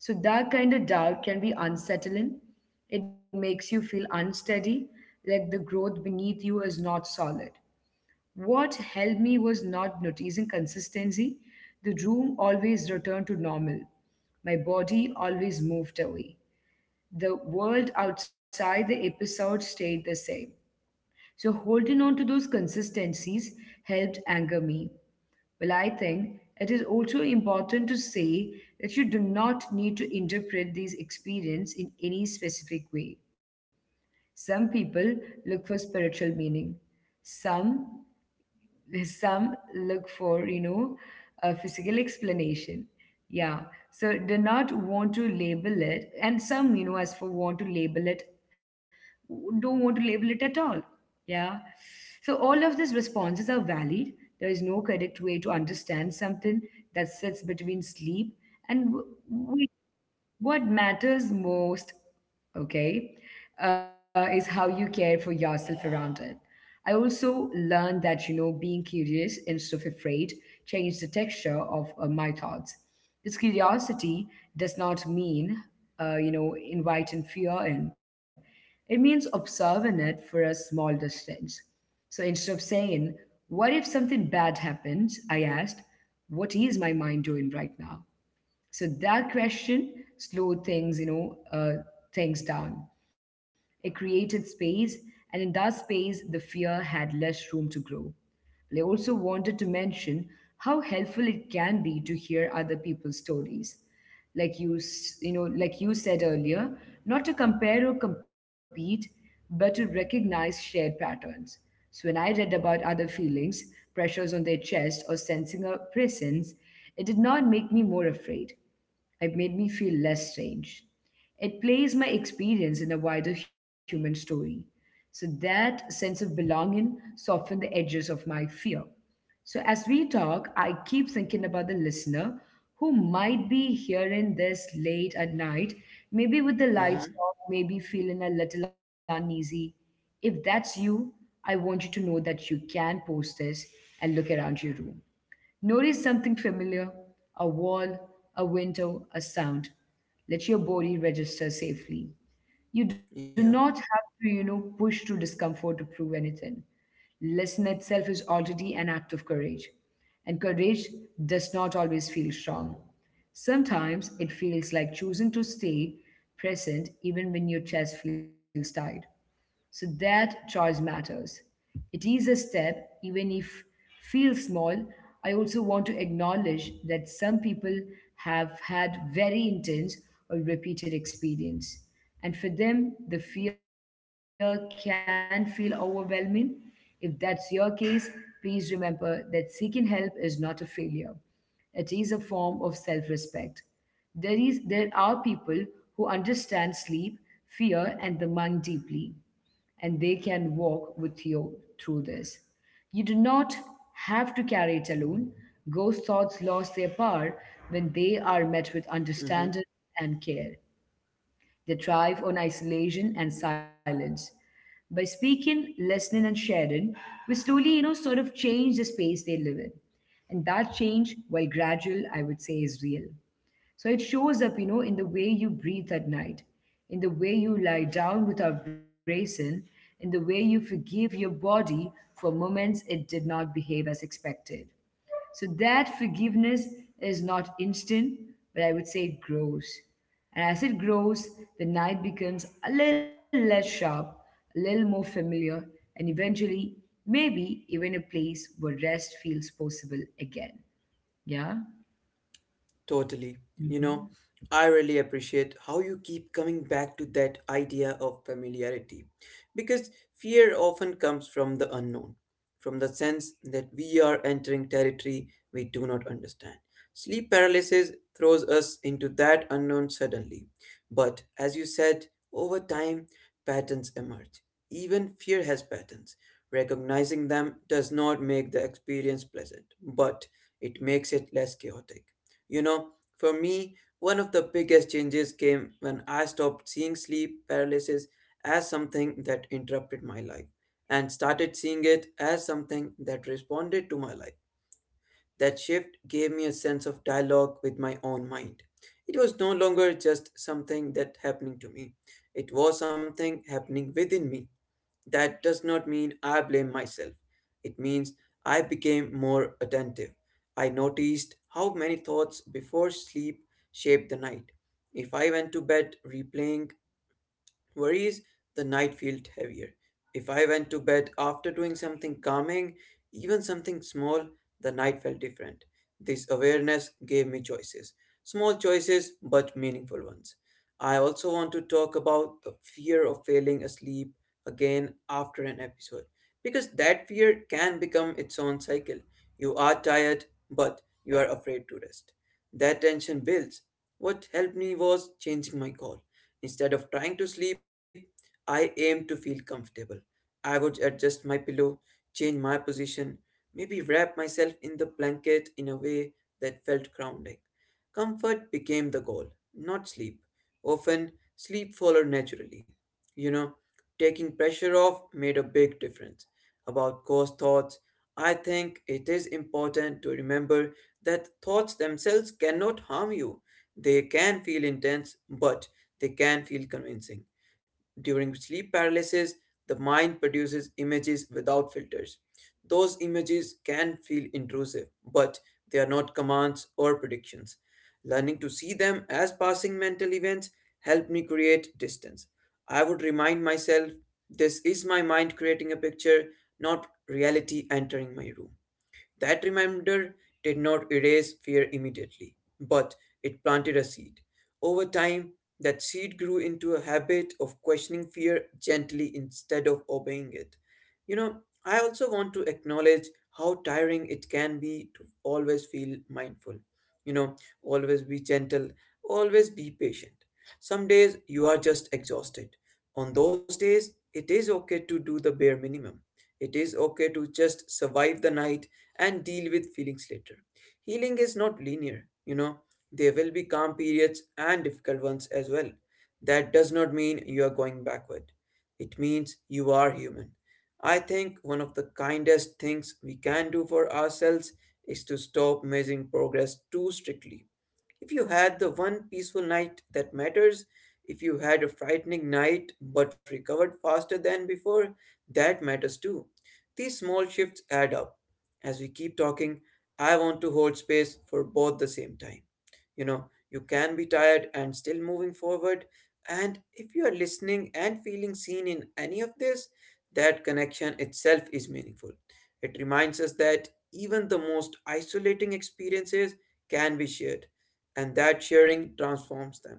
S1: So that kind of doubt can be unsettling. It makes you feel unsteady, like the growth beneath you is not solid. What helped me was not noticing consistency. The room always returned to normal. My body always moved away. The world outside the episode stayed the same. So holding on to those consistencies helped anger me. Well, I think it is also important to say that you do not need to interpret these experiences in any specific way. Some people look for spiritual meaning. Some some look for a physical explanation. Yeah, so do not want to label it, and some, as for want to label it, don't want to label it at all. Yeah. So all of these responses are valid. There is no correct way to understand something that sits between sleep and wake. What matters most, okay, is how you care for yourself around it. I also learned that, being curious instead of afraid changed the texture of my thoughts. This curiosity does not mean, inviting fear in, it means observing it for a small distance. So instead of saying, "What if something bad happens?" I asked, "What is my mind doing right now?" So that question slowed things down. It created space, and in that space, the fear had less room to grow. But I also wanted to mention how helpful it can be to hear other people's stories. Like you, s- you know, like you said earlier, not to compare or compete, but to recognize shared patterns. So when I read about other feelings, pressures on their chest, or sensing a presence, it did not make me more afraid. It made me feel less strange. It placed my experience in a wider human story. So that sense of belonging softened the edges of my fear. So as we talk, I keep thinking about the listener who might be hearing this late at night, maybe with the lights
S2: Mm-hmm.
S1: off, maybe feeling a little uneasy. If that's you, I want you to know that you can post this and look around your room. Notice something familiar, a wall, a window, a sound. Let your body register safely. You do
S2: Yeah.
S1: not have to, push through discomfort to prove anything. Listen itself is already an act of courage. And courage does not always feel strong. Sometimes it feels like choosing to stay present even when your chest feels tight. So that choice matters. It is a step, even if feels small. I also want to acknowledge that some people have had very intense or repeated experience. And for them, the fear can feel overwhelming. If that's your case, please remember that seeking help is not a failure. It is a form of self respect. There are people who understand sleep, fear, and the mind deeply, and they can walk with you through this. You do not have to carry it alone. Ghost thoughts lose their power when they are met with
S2: Mm-hmm.
S1: understanding and care. They thrive on isolation and silence. By speaking, listening, and sharing, we slowly sort of change the space they live in. And that change, while gradual, I would say is real. So it shows up, in the way you breathe at night, in the way you lie down without bracing, in the way you forgive your body for moments it did not behave as expected. So that forgiveness is not instant, but I would say it grows. And as it grows, the night becomes a little less sharp, a little more familiar, and eventually, maybe even a place where rest feels possible again. Yeah,
S2: Totally. You know, I really appreciate how you keep coming back to that idea of familiarity because fear often comes from the unknown, from the sense that we are entering territory we do not understand. Sleep paralysis throws us into that unknown suddenly. But as you said, over time, patterns emerge. Even fear has patterns. Recognizing them does not make the experience pleasant, but it makes it less chaotic. You know, for me, one of the biggest changes came when I stopped seeing sleep paralysis as something that interrupted my life and started seeing it as something that responded to my life. That shift gave me a sense of dialogue with my own mind. It was no longer just something that happening to me. It was something happening within me. That does not mean I blame myself. It means I became more attentive. I noticed how many thoughts before sleep shaped the night. If I went to bed replaying worries, the night felt heavier. If I went to bed after doing something calming, even something small, the night felt different. This awareness gave me choices. Small choices, but meaningful ones. I also want to talk about the fear of failing asleep again after an episode, because that fear can become its own cycle. You are tired, but you are afraid to rest. That tension builds. What helped me was changing my goal. Instead of trying to sleep, I aimed to feel comfortable. I would adjust my pillow, change my position, maybe wrap myself in the blanket in a way that felt grounding. Comfort became the goal, not sleep. Often, sleep followed naturally. You know, Taking pressure off made a big difference about cause thoughts. I think it is important to remember that thoughts themselves cannot harm you. They can feel intense, but they can feel convincing. During sleep paralysis, the mind produces images without filters. Those images can feel intrusive, but they are not commands or predictions. Learning to see them as passing mental events helped me create distance. I would remind myself this is my mind creating a picture, not reality entering my room. That reminder did not erase fear immediately, but it planted a seed. Over time, that seed grew into a habit of questioning fear gently instead of obeying it. You know, I also want to acknowledge how tiring it can be to always feel mindful. You know, Always be gentle, always be patient. Some days you are just exhausted. On those days, it is okay to do the bare minimum. It is okay to just survive the night and deal with feelings later. Healing is not linear, you know. There will be calm periods and difficult ones as well. That does not mean you are going backward. It means you are human. I think one of the kindest things we can do for ourselves is to stop measuring progress too strictly. If you had the one peaceful night that matters, if you had a frightening night but recovered faster than before, that matters too. These small shifts add up. As we keep talking, I want to hold space for both the same time, you know, you can be tired and still moving forward, and if you are listening and feeling seen in any of this, that connection itself is meaningful. It reminds us that even the most isolating experiences can be shared, and that sharing transforms them.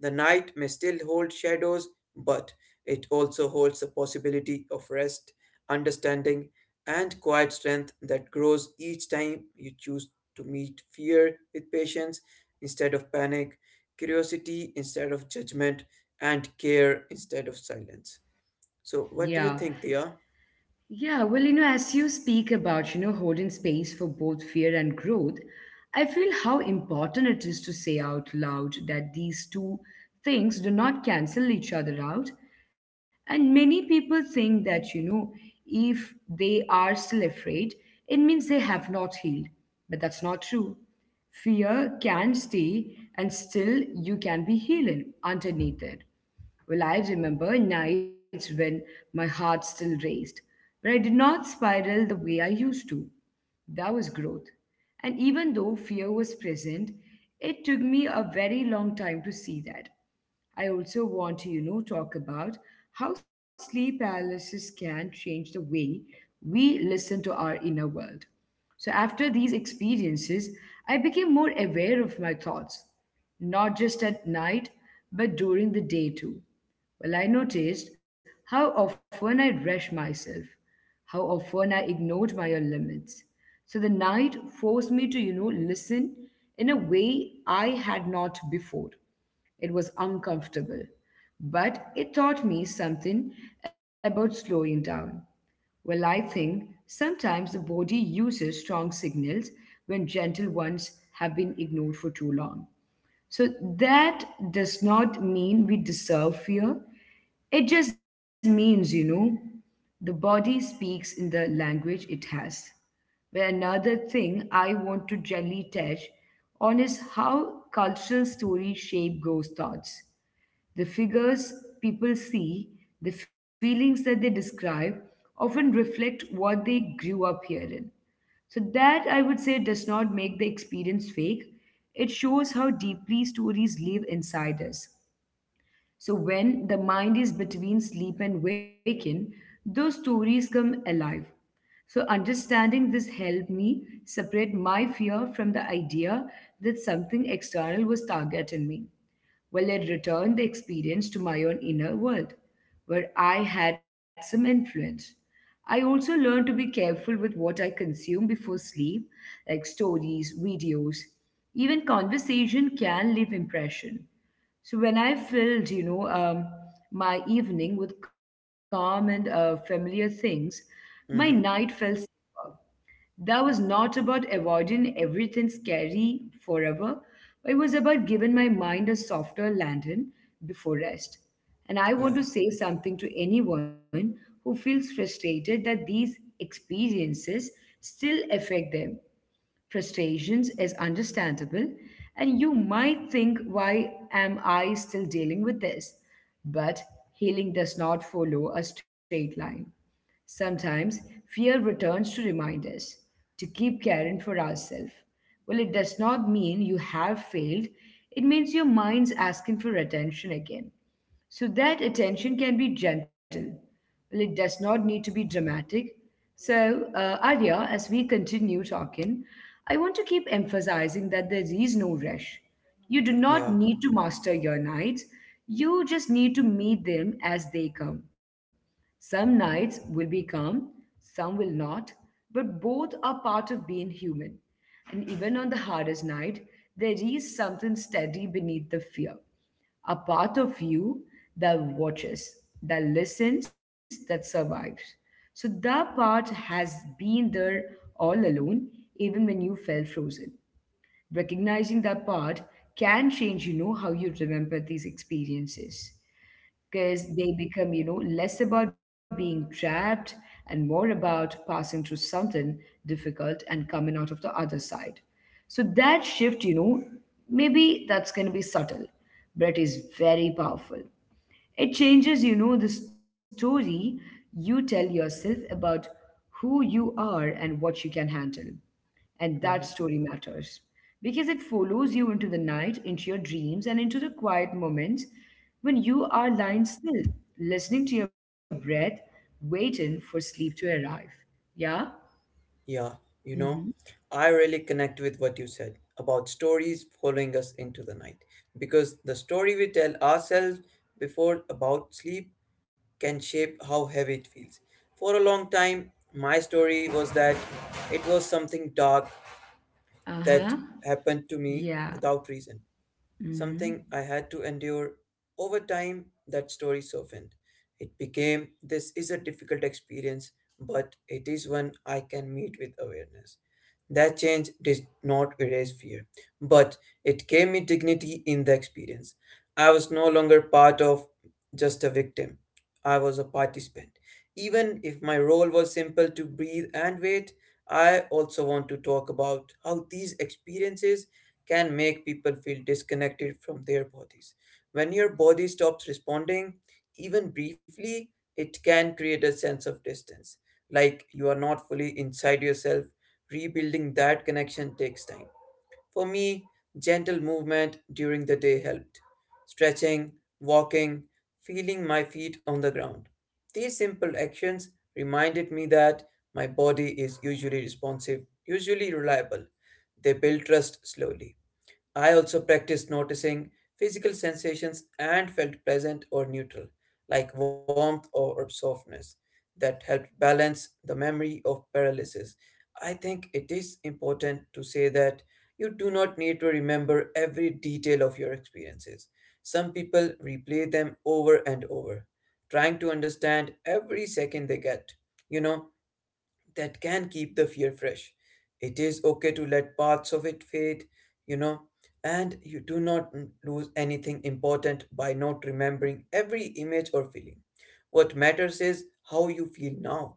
S2: The night may still hold shadows, but it also holds the possibility of rest, understanding, and quiet strength that grows each time you choose to meet fear with patience instead of panic, curiosity instead of judgment, and care instead of silence. So,
S1: yeah,
S2: what do you think, Dia?
S1: yeah. Well, as you speak about, holding space for both fear and growth, I feel how important it is to say out loud that these two things do not cancel each other out. And many people think that, if they are still afraid, it means they have not healed. But that's not true. Fear can stay, and still you can be healing underneath it. Well, I remember nights when my heart still raced, but I did not spiral the way I used to. That was growth. And even though fear was present, it took me a very long time to see that. I also want to, talk about how sleep paralysis can change the way we listen to our inner world. So after these experiences, I became more aware of my thoughts not just at night, but during the day too. Well, I noticed how often I rushed myself, how often I ignored my own limits. So the night forced me to, listen in a way I had not before. It was uncomfortable, but it taught me something about slowing down. Well, I think sometimes the body uses strong signals when gentle ones have been ignored for too long. So that does not mean we deserve fear. It just means, the body speaks in the language it has. But another thing I want to gently touch on is how cultural stories shape ghost thoughts. The figures people see, the feelings that they describe, often reflect what they grew up hearing. So that I would say does not make the experience fake. It shows how deeply stories live inside us. So when the mind is between sleep and waking, those stories come alive. So understanding this helped me separate my fear from the idea that something external was targeting me. Well, it returned the experience to my own inner world, where I had some influence. I also learned to be careful with what I consume before sleep, like stories, videos, even conversation can leave impression. So when I filled, my evening with calm and familiar things, my night felt
S2: Mm-hmm.
S1: that was not about avoiding everything scary forever, but it was about giving my mind a softer landing before rest. And I want to
S2: Yeah,
S1: say something to anyone who feels frustrated that these experiences still affect them. Frustrations is understandable, and you might think, why am I still dealing with this? But healing does not follow a straight line. Sometimes fear returns to remind us to keep caring for ourselves. Well, it does not mean you have failed, it means your mind's asking for attention again. So that attention can be gentle. Well, it does not need to be dramatic. So, Arya, as we continue talking, I want to keep emphasizing that there is no rush. You do not
S2: yeah,
S1: need to master your nights, you just need to meet them as they come. Some nights will be calm, some will not, but both are part of being human. And even on the hardest night, there is something steady beneath the fear, a part of you that watches, that listens, that survives. So that part has been there all alone, even when you felt frozen. Recognizing that part can change, how you remember these experiences, because they become, less about being trapped and more about passing through something difficult and coming out of the other side. So that shift, maybe that's going to be subtle, but it is very powerful. It changes, the story you tell yourself about who you are and what you can handle. And that
S2: mm-hmm.
S1: story matters because it follows you into the night, into your dreams, and into the quiet moments when you are lying still, listening to your breath, waiting for sleep to arrive. Yeah?
S2: Yeah. You
S1: Mm-hmm.
S2: know, I really connect with what you said about stories following us into the night, because the story we tell ourselves before about sleep can shape how heavy it feels. For a long time, my story was that it was something dark
S1: Uh
S2: that
S1: huh.
S2: happened to me
S1: Yeah.
S2: without reason. Something I
S1: Mm-hmm.
S2: had to endure. Over time, that story softened. It became, this is a difficult experience, but it is one I can meet with awareness. That change did not erase fear, but it gave me dignity in the experience. I was no longer part of just a victim, I was a participant. Even if my role was simple, to breathe and wait. I also want to talk about how these experiences can make people feel disconnected from their bodies. When your body stops responding, even briefly, it can create a sense of distance, like you are not fully inside yourself. Rebuilding that connection takes time. For me, gentle movement during the day helped. Stretching, walking, feeling my feet on the ground. These simple actions reminded me that my body is usually responsive, usually reliable. They build trust slowly. I also practiced noticing physical sensations and felt pleasant or neutral, like warmth or softness, that helped balance the memory of paralysis. I think it is important to say that you do not need to remember every detail of your experiences. Some people replay them over and over, trying to understand every second they get. You know, that can keep the fear fresh. It is okay to let parts of it fade, you know, and you do not lose anything important by not remembering every image or feeling. What matters is how you feel now.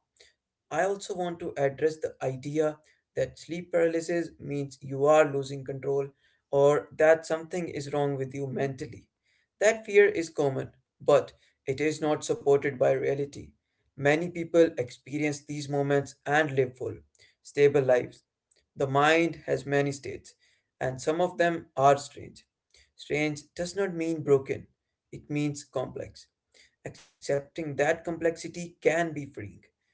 S2: I also want to address the idea that sleep paralysis means you are losing control, or that something is wrong with you mentally. That fear is common, but it is not supported by reality. Many people experience these moments and live full, stable lives. The mind has many states, and some of them are strange. Strange does not mean broken, it means complex. Accepting that complexity can be freeing.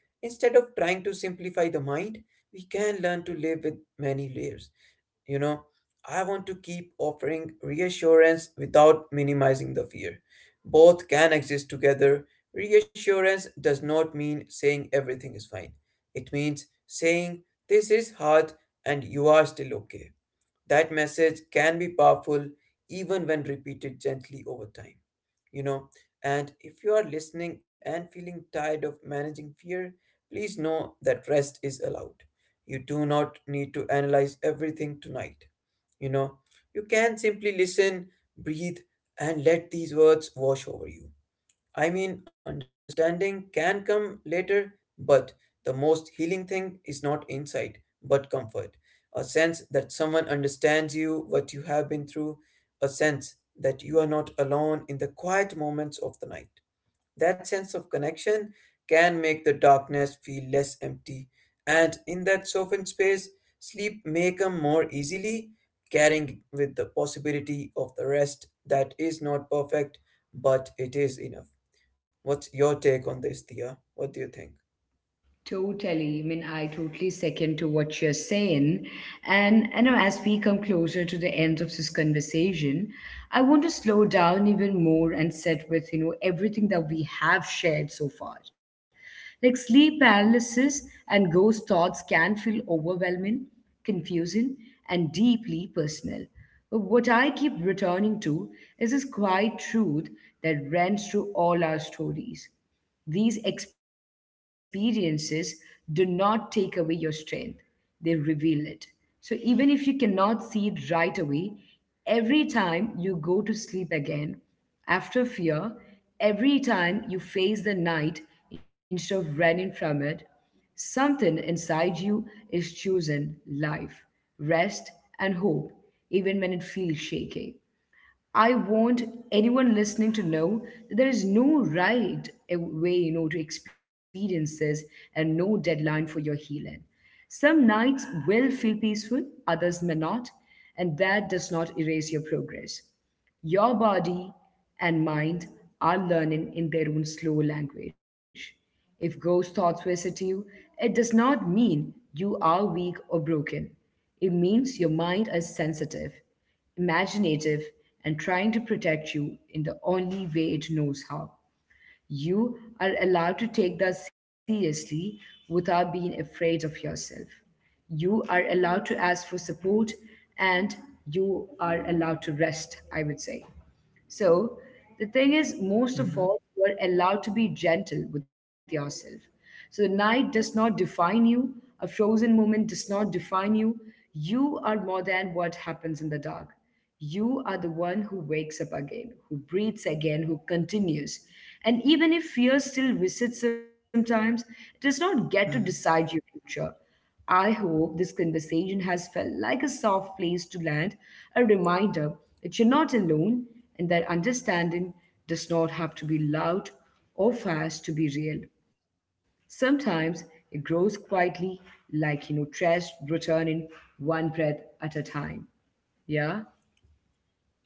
S2: Instead of trying to simplify the mind, we can learn to live with many layers. You know, I want to keep offering reassurance without minimizing the fear. Both can exist together. Reassurance does not mean saying everything is fine, it means saying this is hard and you are still okay. That message can be powerful even when repeated gently over time. You know, and if you are listening and feeling tired of managing fear, please know that rest is allowed. You do not need to analyze everything tonight. You know, you can simply listen, breathe, and let these words wash over you. I mean, understanding can come later, but the most healing thing is not insight, but comfort. A sense that someone understands you, what you have been through, a sense that you are not alone in the quiet moments of the night. That sense of connection can make the darkness feel less empty, and in that softened space, sleep may come more easily, carrying with the possibility of the rest that is not perfect, but it is enough. What's your take on this, Dia? What do you think?
S1: Totally. I mean, I totally second to what you're saying. And as we come closer to the end of this conversation, I want to slow down even more and sit with, everything that we have shared so far. Like sleep paralysis and ghost thoughts can feel overwhelming, confusing, and deeply personal. But what I keep returning to is this quiet truth that runs through all our stories. These experiences do not take away your strength, they reveal it. So, even if you cannot see it right away, every time you go to sleep again after fear, every time you face the night instead of running from it, something inside you is choosing life, rest, and hope, even when it feels shaky. I want anyone listening to know that there is no right way, to experience this and no deadline for your healing. Some nights will feel peaceful, others may not, and that does not erase your progress. Your body and mind are learning in their own slow language. If ghost thoughts visit you, it does not mean you are weak or broken. It means your mind is sensitive, imaginative, and trying to protect you in the only way it knows how. You are allowed to take that seriously without being afraid of yourself. You are allowed to ask for support and you are allowed to rest, I would say. So the thing is, most of
S2: Mm-hmm.
S1: all, you are allowed to be gentle with yourself. So the night does not define you, a frozen moment does not define you. You are more than what happens in the dark. You are the one who wakes up again, who breathes again, who continues. And even if fear still visits sometimes, it does not get to decide
S2: Mm-hmm.
S1: your future. I hope this conversation has felt like a soft place to land, a reminder that you're not alone and that understanding does not have to be loud or fast to be real. Sometimes it grows quietly, like, trust returning one breath at a time. Yeah?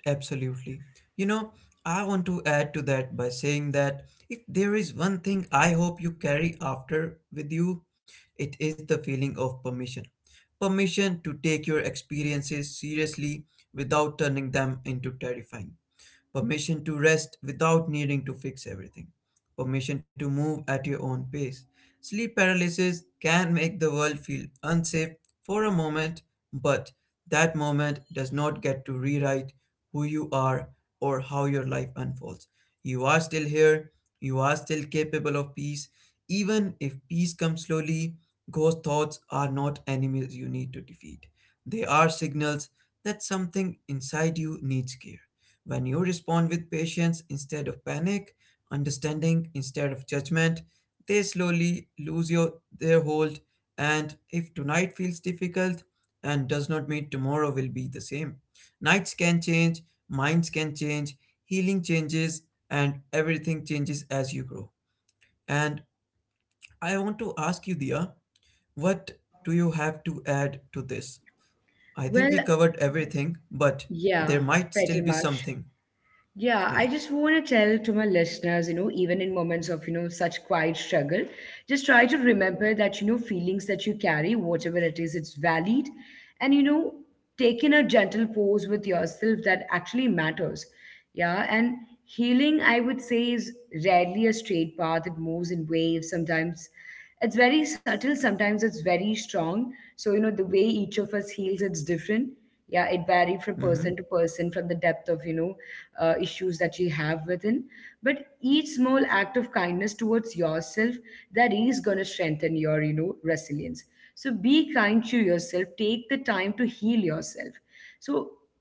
S2: Absolutely. You know, I want to add to that by saying that if there is one thing I hope you carry after with you, it is the feeling of permission. Permission to take your experiences seriously without turning them into terrifying. Permission to rest without needing to fix everything, permission to move at your own pace. Sleep paralysis can make the world feel unsafe for a moment, but that moment does not get to rewrite who you are or how your life unfolds. You are still here, you are still capable of peace, even if peace comes slowly. Ghost thoughts are not enemies you need to defeat. They are signals that something inside you needs care. When you respond with patience instead of panic, understanding instead of judgment, they slowly lose your their hold, and if tonight feels difficult and does not mean tomorrow will be the same. Nights can change, minds can change, healing changes, and everything changes as you grow. And I want to ask you, Dia, what do you have to add to this? I think
S1: Well,
S2: we covered everything, but there
S1: yeah,
S2: might
S1: pretty
S2: still be
S1: much.
S2: something.
S1: Yeah,
S2: Yeah.
S1: I just want to tell to my listeners, even in moments of, such quiet struggle, just try to remember that, feelings that you carry, whatever it is, it's valid. And, taking a gentle pause with yourself that actually matters. Yeah. And healing, I would say, is rarely a straight path. It moves in waves. Sometimes it's very subtle, sometimes it's very strong. So, the way each of us heals, it's different. Yeah, it varied from person
S2: Mm-hmm.
S1: to person, from the depth of, issues that you have within, but each small act of kindness towards yourself, that is going to strengthen your, resilience. So be kind to yourself, take the time to heal yourself. So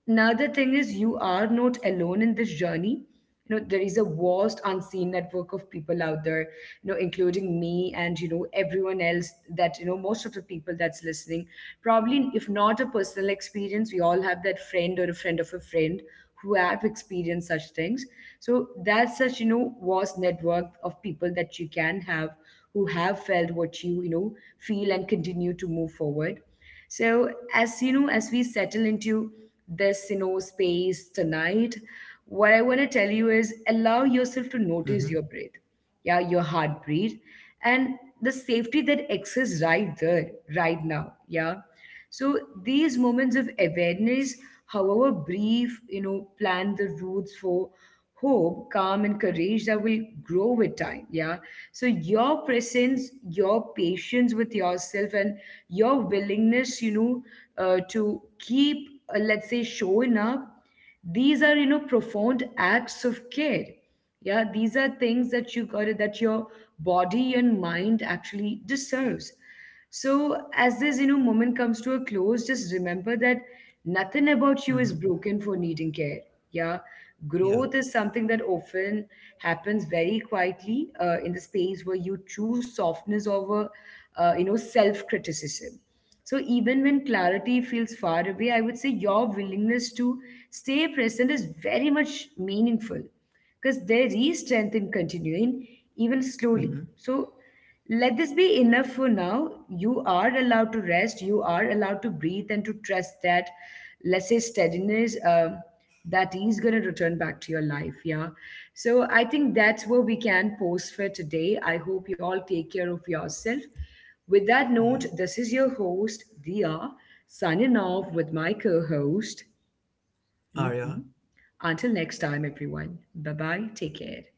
S1: another thing is, you are not alone in this journey. You know, there is a vast unseen network of people out there, including me and, everyone else, that, most of the people that's listening. Probably, if not a personal experience, we all have that friend or a friend of a friend who have experienced such things. So that's such, vast network of people that you can have who have felt what you, feel and continue to move forward. So as you know, as we settle into this, space tonight, what I want to tell you is allow yourself to notice your
S2: Mm-hmm.
S1: breath, yeah, your heartbeat, and the safety that exists right there, right now, yeah. So these moments of awareness, however brief, plant the roots for hope, calm, and courage that will grow with time. Yeah. So your presence, your patience with yourself, and your willingness, to keep, let's say, showing up. These are, profound acts of care. Yeah, these are things that you got it, that your body and mind actually deserves. So, as this, moment comes to a close, just remember that nothing about you is
S2: Mm-hmm.
S1: broken for needing care. Yeah. Growth is
S2: Yeah.
S1: something that often happens very quietly, in the space where you choose softness over, self criticism. So, even when clarity feels far away, I would say your willingness to stay present is very much meaningful, because there is strength in continuing even slowly.
S2: Mm-hmm.
S1: So let this be enough for now. You are allowed to rest, you are allowed to breathe, and to trust that, let's say, steadiness, that is going to return back to your life. Yeah. So I think that's where we can post for today. I hope you all take care of yourself. With that
S2: Yeah.
S1: note, this is your host, Dia, signing off with my co host.
S2: Arya,
S1: Until next time, everyone. Bye bye. Take care.